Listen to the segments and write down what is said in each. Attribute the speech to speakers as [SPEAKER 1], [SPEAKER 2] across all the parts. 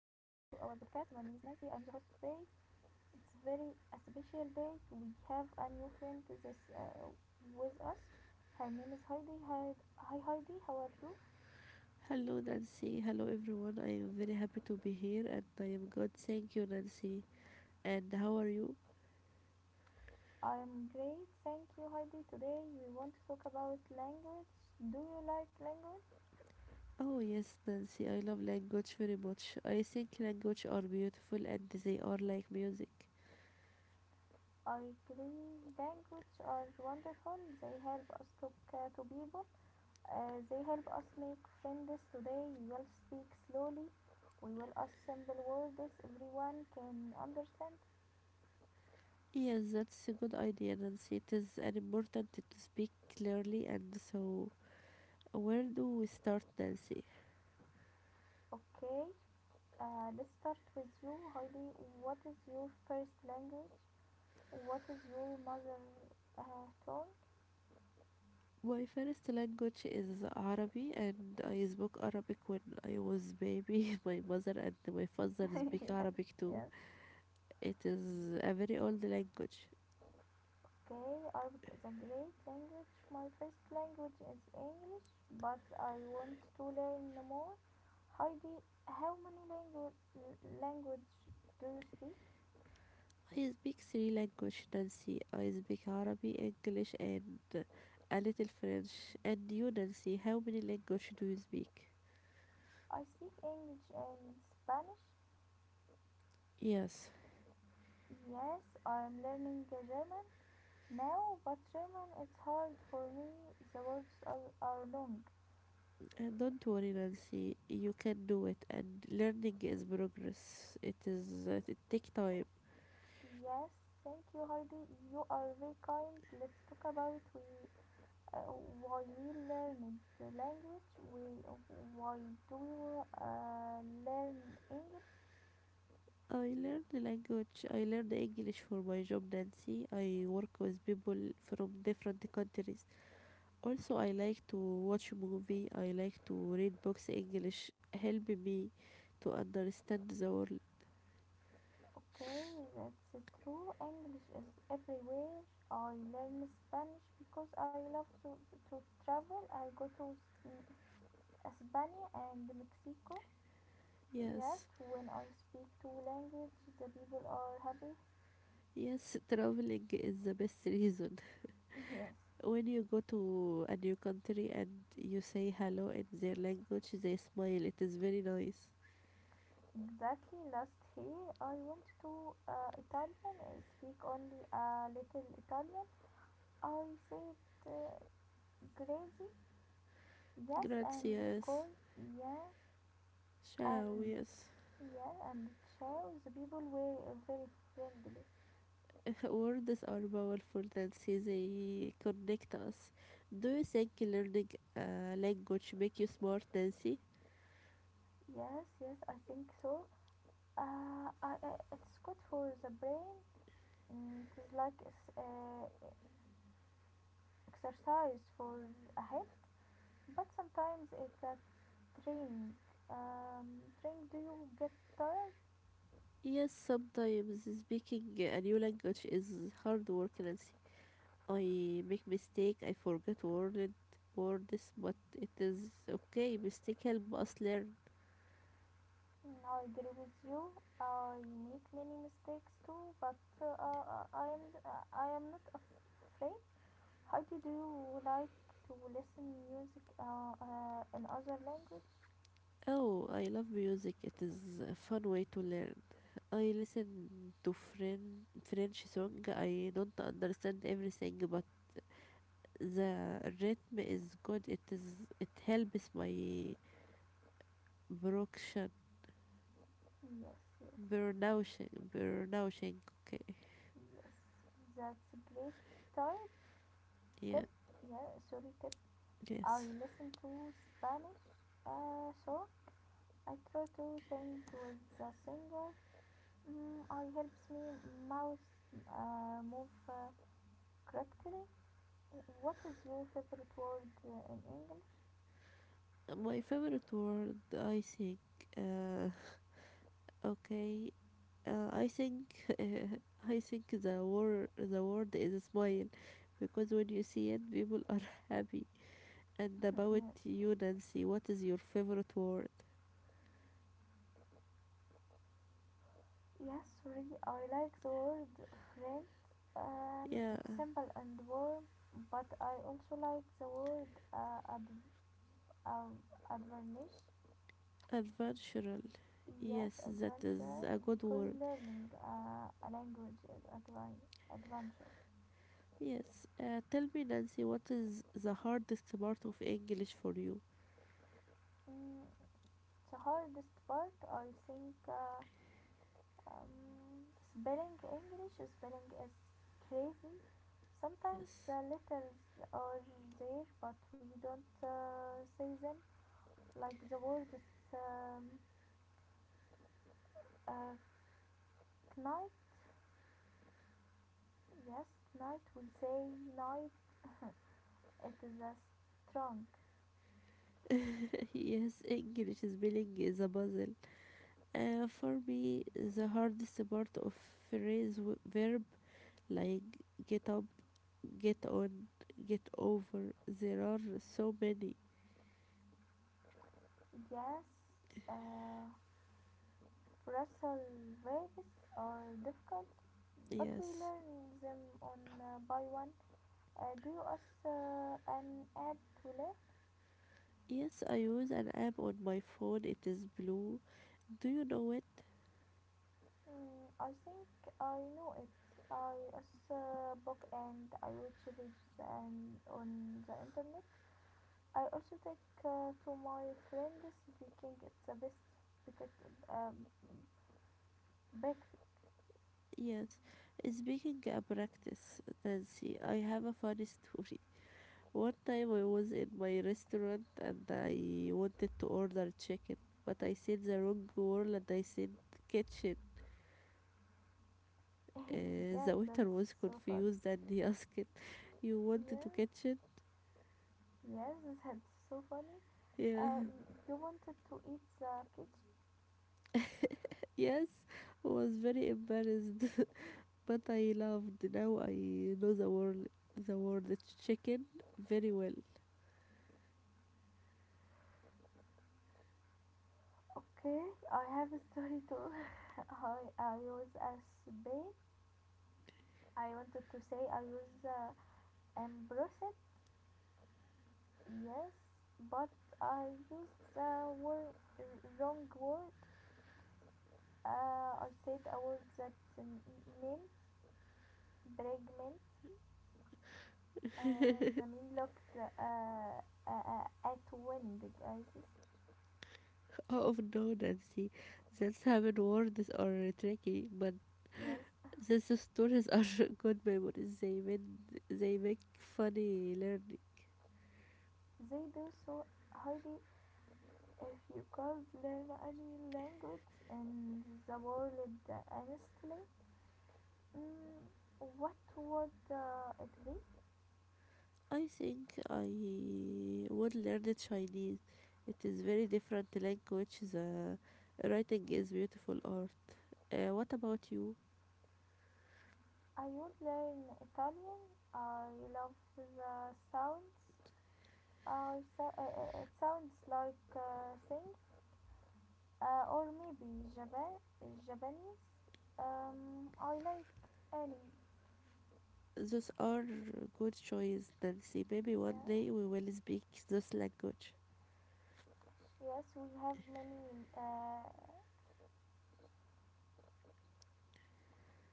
[SPEAKER 1] My name is Nancy. I am the host today. It's very a special day. We have a new friend this with us. Her name is Heidi. Hi, Heidi, how are you?
[SPEAKER 2] Hello, Nancy. Hello, everyone. I am very happy to be here and I am good. Thank you, Nancy. And how are you?
[SPEAKER 1] I am great. Thank you, Heidi. Today we want to talk about language. Do you like language?
[SPEAKER 2] Oh, yes, Nancy. I love language very much. I think language are beautiful and they are like music.
[SPEAKER 1] I agree. Language are wonderful. They help us talk to people. They help us make friends today. We will speak slowly. We will ask simple words everyone can understand.
[SPEAKER 2] Yes, that's a good idea, Nancy. It is an important to speak clearly and so. Where do we start, Nancy?
[SPEAKER 1] Okay, let's start with you, Heidi. What is your first language? What is your mother tongue?
[SPEAKER 2] My first language is Arabic and I spoke Arabic when I was baby. My mother and my father speak
[SPEAKER 1] yes,
[SPEAKER 2] Arabic too.
[SPEAKER 1] yes.
[SPEAKER 2] It is a very old language.
[SPEAKER 1] Okay, Arabic is a great language. My first language is English, but I want to learn more. Heidi, how many langu- language do you speak?
[SPEAKER 2] I speak three languages, Nancy. I speak Arabic, English, and a little French. And you, Nancy, how many languages do you speak?
[SPEAKER 1] I speak English and Spanish.
[SPEAKER 2] Yes,
[SPEAKER 1] Yes, I am learning German now, but German is hard for me. The words are long.
[SPEAKER 2] and don't worry, Nancy. You can do it. And learning is progress. It is it take time.
[SPEAKER 1] Yes, thank you, Heidi. You are very kind. Let's talk about uh, why we learn the language. Why do we learn English?
[SPEAKER 2] I learned the language. I learned English for my job, Nancy. I work with people from different countries. Also, I like to watch movie. I like to read books. English help me to understand the world.
[SPEAKER 1] Okay, that's true. English is everywhere. I learn Spanish because I love to travel. I go to S- Spain and Mexico. Yes,
[SPEAKER 2] Yes.
[SPEAKER 1] when I speak two languages, the people are happy.
[SPEAKER 2] Yes, traveling is the best reason.
[SPEAKER 1] Yes,
[SPEAKER 2] When you go to a new country and you say hello in their language, they smile. It is very nice.
[SPEAKER 1] exactly. Last year, I went to Italian. I speak only a little Italian. I said crazy. Yes, and
[SPEAKER 2] Gracias.
[SPEAKER 1] koi. Yes,
[SPEAKER 2] Ciao,
[SPEAKER 1] and
[SPEAKER 2] yes.
[SPEAKER 1] Yeah, and Chao's people were very friendly.
[SPEAKER 2] Words are powerful and see they connect us. Do you think learning a language make you smart, Nancy?
[SPEAKER 1] Yes, yes, I think so. It's good for the brain. Mm, it is like exercise for a head, but sometimes it's a training. Training, do you get tired?
[SPEAKER 2] Yes, sometimes speaking a new language is hard work, Nancy. I make mistake, I forget words, but it is okay. Mistake help us learn.
[SPEAKER 1] Mm, I agree with you. I make many mistakes too, but I am not af- afraid. How did you like to listen music in other language?
[SPEAKER 2] Oh, I love music. It is a fun way to learn. I listen to French song. I don't understand everything, but the rhythm is good. It is it helps my production,
[SPEAKER 1] Yes, yes,
[SPEAKER 2] pronouncing. Okay,
[SPEAKER 1] yes. That's a great type
[SPEAKER 2] yeah,
[SPEAKER 1] tip. Yeah, sorry tip. I
[SPEAKER 2] yes.
[SPEAKER 1] listen to Spanish song. I try to sing with the singer. Mm, I helps me mouth move correctly. What is your favorite word in English?
[SPEAKER 2] My favorite word, I think. Uh, okay, I think I think the word is a smile, because when you see it, people are happy. And about
[SPEAKER 1] yes.
[SPEAKER 2] you, Nancy, what is your favorite word?
[SPEAKER 1] Yes, really, I like the word friend.
[SPEAKER 2] Yeah,
[SPEAKER 1] It's simple and warm, but I also like the word um, adventure.
[SPEAKER 2] adventural.
[SPEAKER 1] Yes,
[SPEAKER 2] Yes, that is
[SPEAKER 1] adventure,
[SPEAKER 2] a good
[SPEAKER 1] because
[SPEAKER 2] word.
[SPEAKER 1] learning a language is adventure.
[SPEAKER 2] Yes. Tell me, Nancy, what is the hardest part of English for you?
[SPEAKER 1] Mm, the hardest part, I think, spelling English spelling is crazy. Sometimes
[SPEAKER 2] Yes.
[SPEAKER 1] letters are there, but we don't say them like the word is uh, knight. Yes, knight. We say knight. It is a strong.
[SPEAKER 2] yes, English spelling is a puzzle. For me, the hardest part of phrase verb like get up, get on, get over. There are so many.
[SPEAKER 1] Yes, uh, wrestle verbs are difficult, but we
[SPEAKER 2] Yes,
[SPEAKER 1] learn them on by one. Do you ask an app to learn?
[SPEAKER 2] yes, I use an app on my phone. It is blue. Do you know it?
[SPEAKER 1] Mm, I think I know it. I ask book and I watch videos and on the internet. I also take to my friends baking. It's the best because um, baked.
[SPEAKER 2] Yes. Speaking a practice, Nancy, I have a funny story. One time I was in my restaurant and I wanted to order chicken, but I said the wrong word and I said kitchen.
[SPEAKER 1] yes,
[SPEAKER 2] The
[SPEAKER 1] that's
[SPEAKER 2] waiter was
[SPEAKER 1] so fun.
[SPEAKER 2] confused and he asked, you wanted to
[SPEAKER 1] Yes,
[SPEAKER 2] kitchen?
[SPEAKER 1] yes, that's so funny.
[SPEAKER 2] Yeah,
[SPEAKER 1] Uh, you wanted to eat the cake?
[SPEAKER 2] yes, was very embarrassed, but I loved. Now I know the word chicken very well.
[SPEAKER 1] Okay, I have a story too. I was as Spain. I wanted to say I was embarrassed. Yes, but I used wrong word. I said a word that meant Bregman the men looked at wind glasses.
[SPEAKER 2] Oh no, Nancy, that's happened words are tricky, but
[SPEAKER 1] Yes,
[SPEAKER 2] these stories are good memories. They make funny learning.
[SPEAKER 1] they do so, Heidi. If you could learn any language in the world, honestly, mm, what would it be?
[SPEAKER 2] I think I would learn Chinese. It is very different language. The writing is beautiful art. What about you?
[SPEAKER 1] I would learn Italian. I love the sounds. It sounds like singing. Or maybe Japanese. I like any.
[SPEAKER 2] Those are good choice, Nancy. Maybe one
[SPEAKER 1] Yeah.
[SPEAKER 2] day we will speak this language.
[SPEAKER 1] Yes, we have many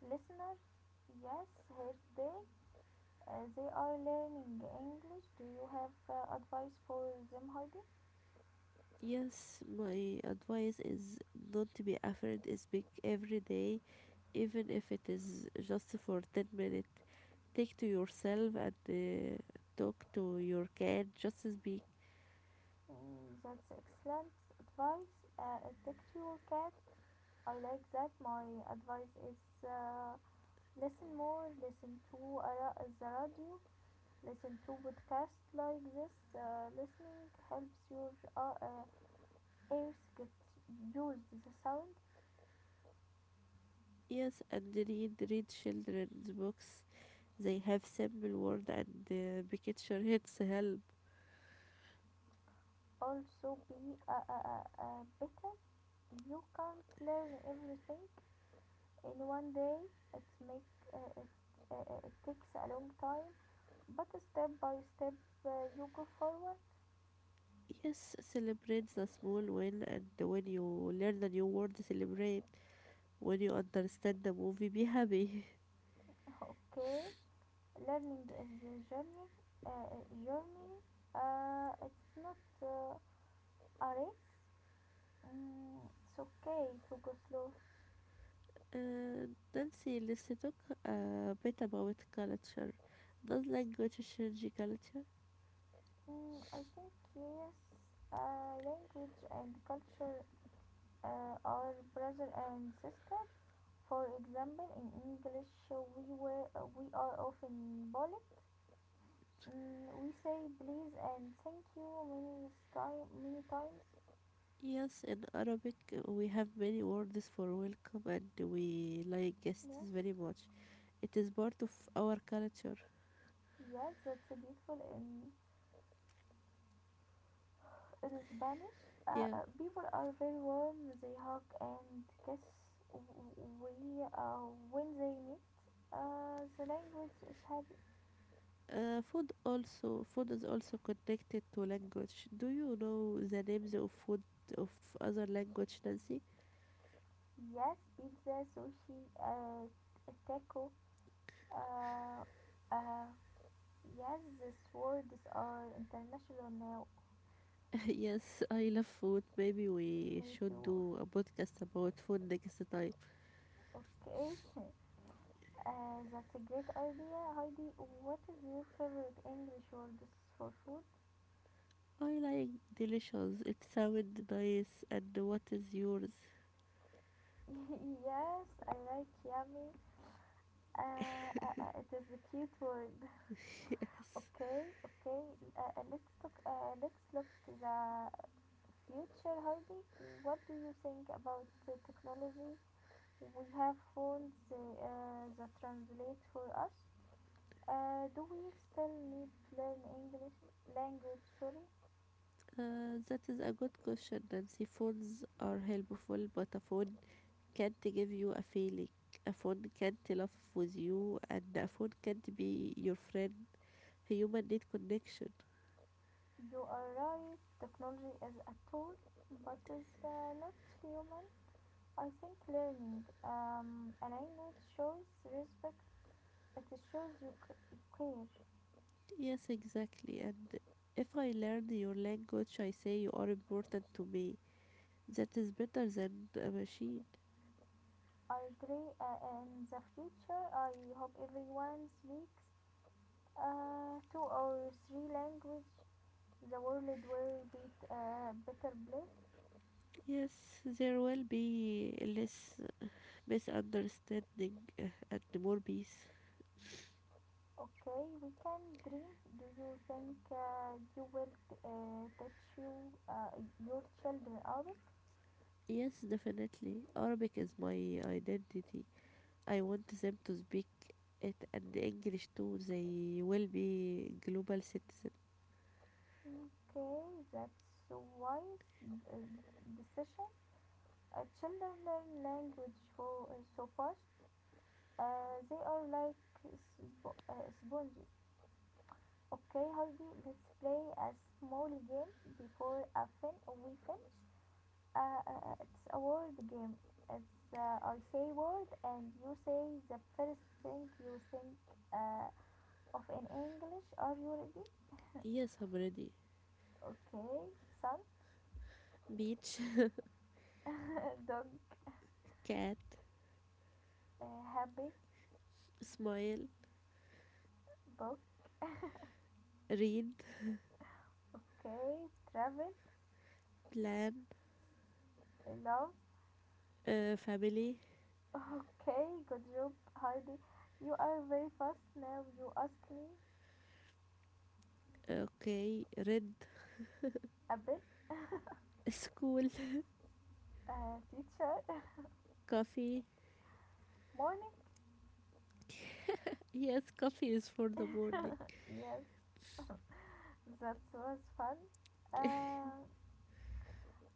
[SPEAKER 1] listeners. Yes, here today. They are learning English. Do you have advice for them, Heidi?
[SPEAKER 2] Yes, my advice is not to be afraid to speak every day, even if it is just for 10 minutes. Take to yourself and talk to your cat. Just speak.
[SPEAKER 1] Mm, that's excellent advice. Attack your cat. I like that. My advice is listen more, listen to a the radio, listen to podcasts like this. Listening helps your uh, uh, ears get used to the sound.
[SPEAKER 2] Yes, and read children's books. They have simple word and picture hits help.
[SPEAKER 1] Also, be better. You can't learn everything in one day. It's make uh, it's, it takes a long time, but step by step you go forward.
[SPEAKER 2] Yes, celebrate the small win and when you learn a new word, celebrate. When you understand the movie, be happy.
[SPEAKER 1] Okay, learning is a journey. Uh, uh, journey. It's not a race. Mm, it's okay to go slow.
[SPEAKER 2] Uh, Nancy, let's talk a bit about culture. Does language change culture?
[SPEAKER 1] Mm, I think yes, language and culture are brother and sister. For example, in English, we are often polite. Mm, we say please and thank you many times.
[SPEAKER 2] Yes, in Arabic we have many words for welcome and we like guests
[SPEAKER 1] Yes,
[SPEAKER 2] very much. It is part of our culture.
[SPEAKER 1] yes, that's beautiful and. It is Spanish
[SPEAKER 2] Yeah.
[SPEAKER 1] people are very warm. They hug and kiss when they meet. The language is happy.
[SPEAKER 2] Food is also connected to language. Do you know the names of food of other language, Nancy?
[SPEAKER 1] Yes, pizza, sushi, taco. Uh, uh, yes, these words are international now.
[SPEAKER 2] yes, I love food. Maybe we
[SPEAKER 1] Me
[SPEAKER 2] should
[SPEAKER 1] too.
[SPEAKER 2] do a podcast about food next time.
[SPEAKER 1] Okay. That's a great idea, Heidi. What is your favorite English word for food?
[SPEAKER 2] I like delicious. It sounds nice. And what is yours?
[SPEAKER 1] yes, I like yummy. It is a cute word.
[SPEAKER 2] yes.
[SPEAKER 1] Okay, okay. Let's talk. Let's look the future, Heidi. What do you think about the technology? We have phones that translate for us. Do we still need to learn English language? Sorry,
[SPEAKER 2] That is a good question, Nancy. Phones are helpful, but a phone can't give you a feeling. A phone can't laugh with you, and a phone can't be your friend. Human need connection.
[SPEAKER 1] you are right. Technology is a tool, but is not human. I think learning a language shows respect. It shows you care.
[SPEAKER 2] Yes, exactly. And if I learn your language, I say you are important to me. That is better than a machine.
[SPEAKER 1] I agree. In the future, I hope everyone speaks two or three language. The world will be a better place.
[SPEAKER 2] Yes, there will be less misunderstanding and more peace.
[SPEAKER 1] Okay, we can dream. Do you think teach your children Arabic?
[SPEAKER 2] Yes, definitely. Arabic is my identity. I want them to speak it and English too. They will be global citizen.
[SPEAKER 1] Okay, that's a wise uh, decision. Children learn language for so fast. They are like sponges. Okay, Heidi, let's play a small game before we finish. It's a word game. It's I say word and you say the first thing you think uh, of in English. Are you ready?
[SPEAKER 2] Yes, I'm ready.
[SPEAKER 1] Okay, sun,
[SPEAKER 2] Beach,
[SPEAKER 1] dog,
[SPEAKER 2] cat,
[SPEAKER 1] uh, happy,
[SPEAKER 2] smile,
[SPEAKER 1] book.
[SPEAKER 2] read,
[SPEAKER 1] Okay, travel,
[SPEAKER 2] plan,
[SPEAKER 1] love.
[SPEAKER 2] family,
[SPEAKER 1] Okay, good job, Heidi. You are very fast now. You ask me
[SPEAKER 2] okay, red,
[SPEAKER 1] a bit.
[SPEAKER 2] school,
[SPEAKER 1] Teacher,
[SPEAKER 2] coffee.
[SPEAKER 1] morning.
[SPEAKER 2] Yes, coffee is for the morning.
[SPEAKER 1] yes, that was fun. Uh,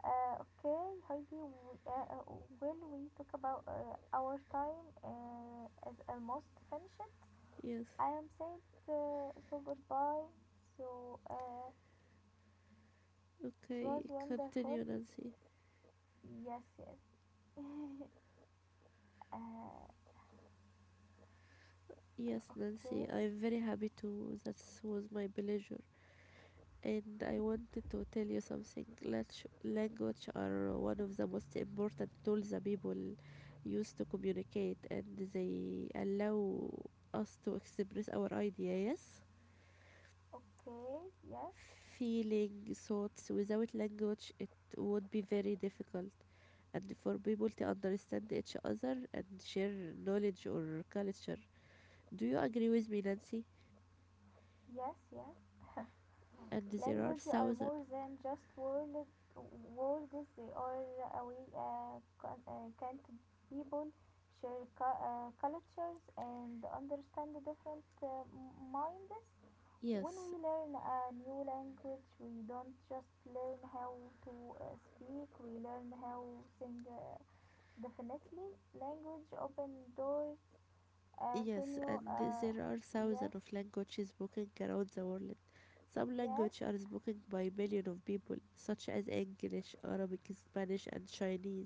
[SPEAKER 1] okay, Heidi, we, will we talk about our time is almost finished?
[SPEAKER 2] Yes,
[SPEAKER 1] I am said so goodbye. So uh, it was
[SPEAKER 2] okay,
[SPEAKER 1] wonderful.
[SPEAKER 2] continue, Nancy.
[SPEAKER 1] Yes, yes. uh,
[SPEAKER 2] Yes, Nancy,
[SPEAKER 1] Okay,
[SPEAKER 2] I'm very happy too. That was my pleasure. And I wanted to tell you something. Language are one of the most important tools that people use to communicate, and they allow us to express our idea, yes?
[SPEAKER 1] okay, yes,
[SPEAKER 2] Feeling thoughts without language, it would be very difficult and for people to understand each other and share knowledge or culture. Do you agree with me, Nancy?
[SPEAKER 1] yes, yes.
[SPEAKER 2] and there are
[SPEAKER 1] Language are
[SPEAKER 2] thousands
[SPEAKER 1] more than just words. They are a way can't people share cultures and understand the different minds. When we
[SPEAKER 2] yes
[SPEAKER 1] learn a new language, we don't just learn how to speak. We learn how sing. Definitely, language open doors to
[SPEAKER 2] yes
[SPEAKER 1] new.
[SPEAKER 2] and there are
[SPEAKER 1] Yes.
[SPEAKER 2] thousands of languages spoken around the world. Some
[SPEAKER 1] Yes,
[SPEAKER 2] languages are spoken by millions of people, such as English, Arabic, Spanish, and Chinese.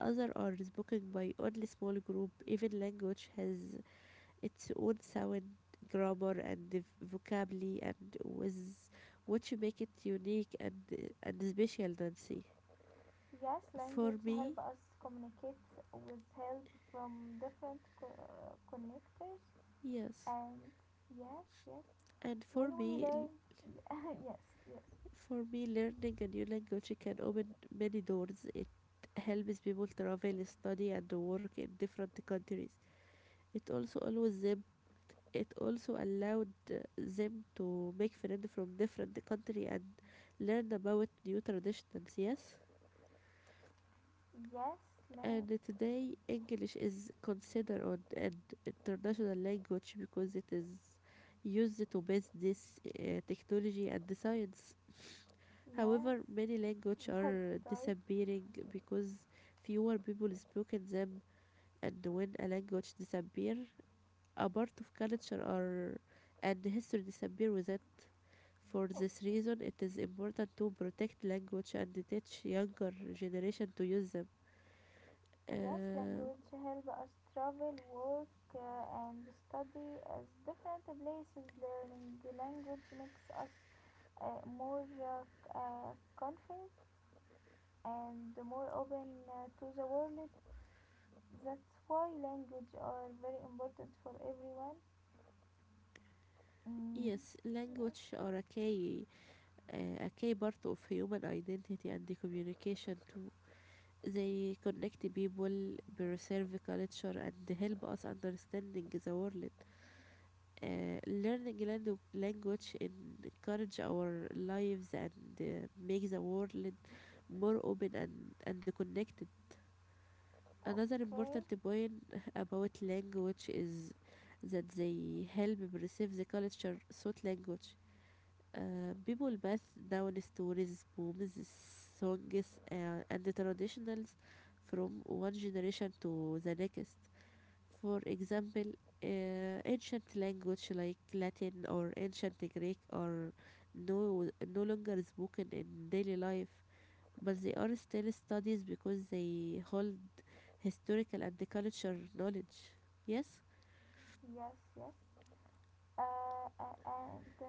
[SPEAKER 2] Others are spoken by only small group. Even language has its own sound, grammar, and vocabulary, and with what you make it unique and special, Nancy.
[SPEAKER 1] yes,
[SPEAKER 2] For
[SPEAKER 1] language help
[SPEAKER 2] me,
[SPEAKER 1] us communicate with help from different connectors
[SPEAKER 2] yes,
[SPEAKER 1] and yes, yes,
[SPEAKER 2] and
[SPEAKER 1] when
[SPEAKER 2] for
[SPEAKER 1] we
[SPEAKER 2] me,
[SPEAKER 1] learn
[SPEAKER 2] l-
[SPEAKER 1] yes, yes.
[SPEAKER 2] For me, learning a new language can open many doors. It helps people travel, study, and work in different countries. It also allows them. It also allowed them to make friends from different country and learn about new traditions. Yes.
[SPEAKER 1] Yes, la-
[SPEAKER 2] And today, English is considered on an international language because it is used to business, technology, and the science.
[SPEAKER 1] yes.
[SPEAKER 2] However, many languages
[SPEAKER 1] That's
[SPEAKER 2] are
[SPEAKER 1] right.
[SPEAKER 2] disappearing because fewer people speak in them, and when a language disappears, a part of culture or and history disappear with it. For
[SPEAKER 1] Oh,
[SPEAKER 2] this reason, it is important to protect language and teach younger generation to use them.
[SPEAKER 1] yes,
[SPEAKER 2] Uh,
[SPEAKER 1] language help us travel, work and study as different places. Learning language makes us more confident and more open to the world. That's why language are very important for everyone. Mm,
[SPEAKER 2] Yes,
[SPEAKER 1] yes.
[SPEAKER 2] language are a key, uh, a key part of human identity and the communication too. They connect people, preserve culture, and help us understanding the world. Learning language encourage our lives and make the world more open and connected. Another
[SPEAKER 1] Okay.
[SPEAKER 2] important point about language is that they help preserve the culture through language. People pass down stories, poems, songs, and traditions from one generation to the next. For example, ancient language like Latin or ancient Greek are no longer spoken in daily life, but they are still studied because they hold historical and cultural knowledge. Yes,
[SPEAKER 1] Yes. Yes. And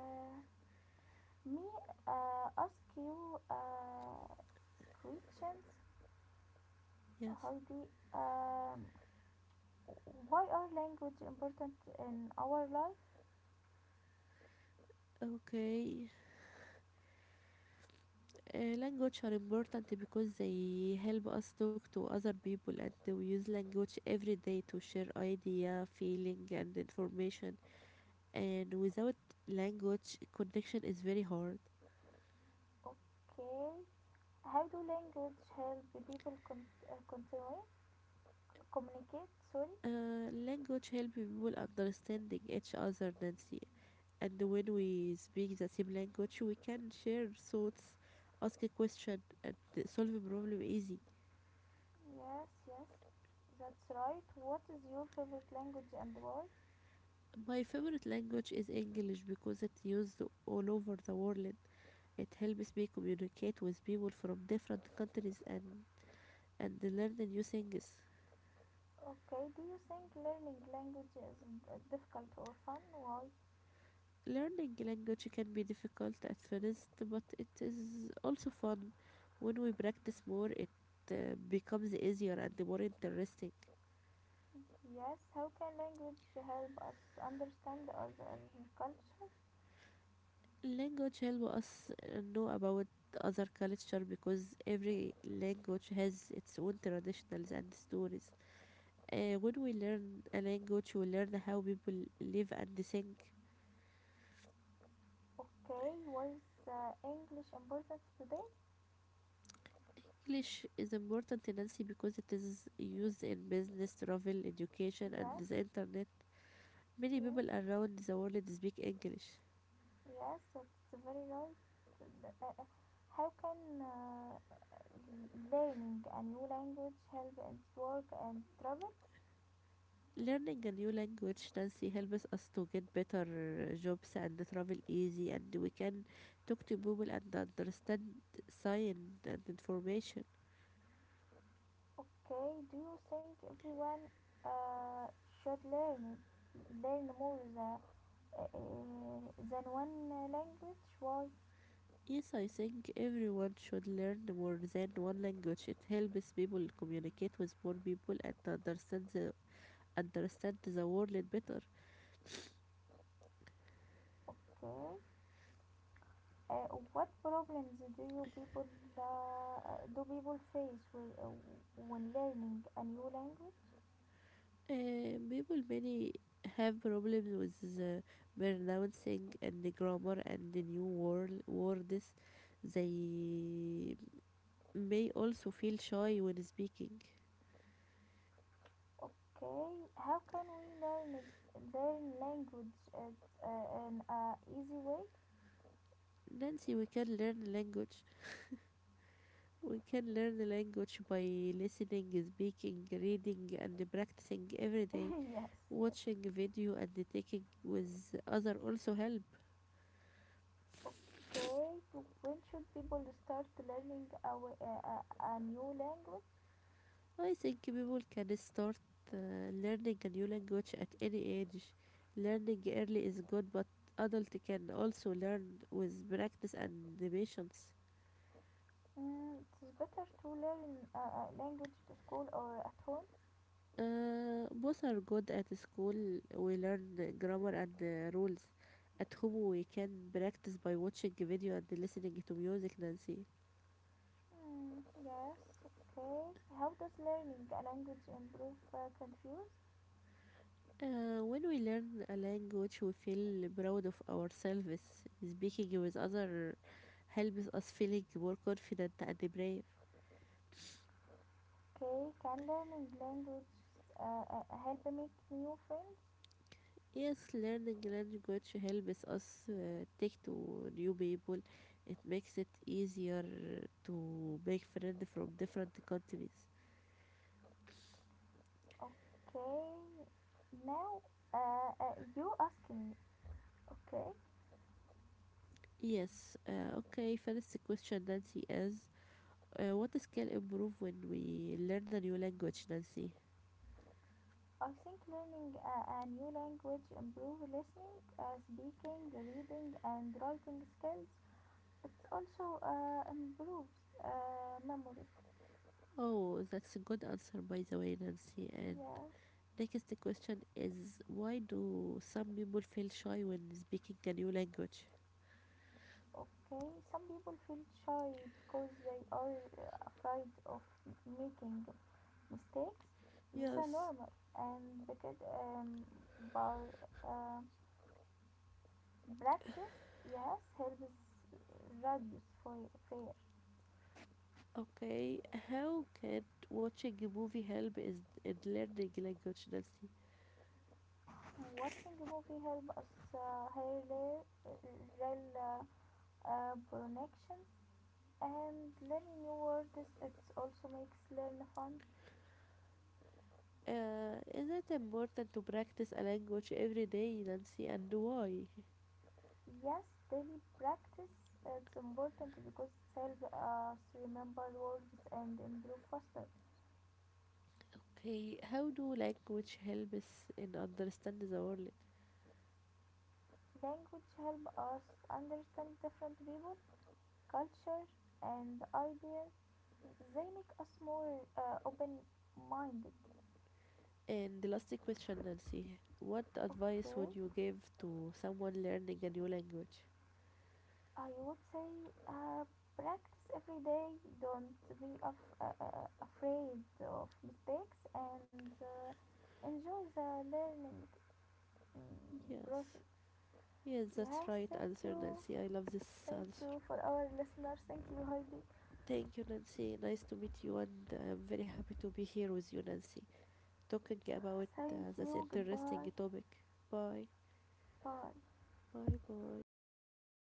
[SPEAKER 1] Me ask you questions,
[SPEAKER 2] yes.
[SPEAKER 1] Heidi. Um, why are language important in our life?
[SPEAKER 2] Okay. Language are important because they help us talk to other people and we use language every day to share idea, feeling and information. And without language, connection is very hard.
[SPEAKER 1] Okay. How do language help people con- continue communicate? Sorry.
[SPEAKER 2] Language help people understanding each other, Nancy. And when we speak the same language, we can share thoughts, ask a question, and solve a problem easy.
[SPEAKER 1] Yes, yes, that's right. What is your favorite language and why?
[SPEAKER 2] My favorite language is English because it's used all over the world. It helps me communicate with people from different countries and learn new things.
[SPEAKER 1] Okay, do you think learning language is difficult or fun? Why?
[SPEAKER 2] Learning language can be difficult at first, but it is also fun. When we practice more, it becomes easier and more interesting.
[SPEAKER 1] Yes, how can language help us understand other culture?
[SPEAKER 2] Language helps us know about other culture because every language has its own traditions and stories. When we learn a language, we learn how people live and think.
[SPEAKER 1] Okay, why is English important today?
[SPEAKER 2] English is important in Nancy because it is used in business, travel, education, and
[SPEAKER 1] Yes,
[SPEAKER 2] the internet. Many people
[SPEAKER 1] yes,
[SPEAKER 2] around the world speak English.
[SPEAKER 1] yes, that's very right. Uh, uh, uh, How can learning a new language help in work and travel?
[SPEAKER 2] Learning a new language, Nancy, helps us to get better jobs and travel easy, and we can talk to people and understand science and information.
[SPEAKER 1] Okay, do you think everyone uh, should learn more uh, than one language? Why?
[SPEAKER 2] Yes, I think everyone should learn more than one language. It helps people communicate with more people and understand the world better.
[SPEAKER 1] Okay. Uh, what problems do people face with, when learning a new language?
[SPEAKER 2] People many have problems with the pronouncing and the grammar and the new words. They may also feel shy when speaking.
[SPEAKER 1] Okay, how can we learn it, learn language at, in a easy way?
[SPEAKER 2] Nancy, we can learn language. We can learn the language by listening, speaking, reading, and practicing every day.
[SPEAKER 1] yes, yes.
[SPEAKER 2] Watching video and taking with other also help.
[SPEAKER 1] Okay, to when should people start learning a, wa- a new language?
[SPEAKER 2] I think people can start uh, learning a new language at any age. Learning early is good, but adult can also learn with practice and the patience.
[SPEAKER 1] Mm, it's better to learn a language to school or at home.
[SPEAKER 2] Both are good at school. We learn grammar and rules. At home, we can practice by watching video and listening to music, Nancy.
[SPEAKER 1] Mm, yes, okay. How does learning a language improve confuse?
[SPEAKER 2] When we learn a language, we feel proud of ourselves. Speaking with other helps us feeling more confident and brave.
[SPEAKER 1] Okay, can learning language help make new friends?
[SPEAKER 2] Yes, learning language helps us take to new people. It makes it easier to make friends from different countries.
[SPEAKER 1] Okay, now you asking me, okay?
[SPEAKER 2] Yes, okay, first question, Nancy, is what skill improve when we learn a new language, Nancy?
[SPEAKER 1] I think learning a new language improve listening, speaking, reading, and writing skills. It also improves memory.
[SPEAKER 2] Oh, that's a good answer, by the way, Nancy. And
[SPEAKER 1] Yes.
[SPEAKER 2] next question is, why do some people feel shy when speaking a new language?
[SPEAKER 1] Okay. Some people feel shy because they are afraid of making mistakes. This is
[SPEAKER 2] Yes.
[SPEAKER 1] normal, and because by uh, practice, yes, helps reduce fear.
[SPEAKER 2] Okay, how can watching a movie help is in learning language, Nancy?
[SPEAKER 1] And watching a movie help us hear real uh, connections and learn new words. It also makes learn fun.
[SPEAKER 2] Is it important to practice a language every day, Nancy, and why?
[SPEAKER 1] Yes, daily practice it's important because it helps us remember words and improve faster.
[SPEAKER 2] Okay, how do language help us in understand the world?
[SPEAKER 1] Language help us understand different people, culture, and ideas. They make us more open-minded.
[SPEAKER 2] And the last question, Nancy, what advice would
[SPEAKER 1] Okay.
[SPEAKER 2] you give to someone learning a new language?
[SPEAKER 1] I would say uh, practice every day. Don't be afraid of mistakes and enjoy the learning
[SPEAKER 2] Yes,
[SPEAKER 1] process.
[SPEAKER 2] yes, that's
[SPEAKER 1] Yes,
[SPEAKER 2] right
[SPEAKER 1] thank
[SPEAKER 2] answer,
[SPEAKER 1] you.
[SPEAKER 2] Nancy. I love this
[SPEAKER 1] Thank
[SPEAKER 2] answer.
[SPEAKER 1] you for our listeners. Thank you, Heidi.
[SPEAKER 2] Thank you, Nancy. Nice to meet you, and I'm very happy to be here with you, Nancy, talking about
[SPEAKER 1] Thank
[SPEAKER 2] this
[SPEAKER 1] you.
[SPEAKER 2] interesting
[SPEAKER 1] Goodbye.
[SPEAKER 2] topic. Bye,
[SPEAKER 1] Bye.
[SPEAKER 2] bye.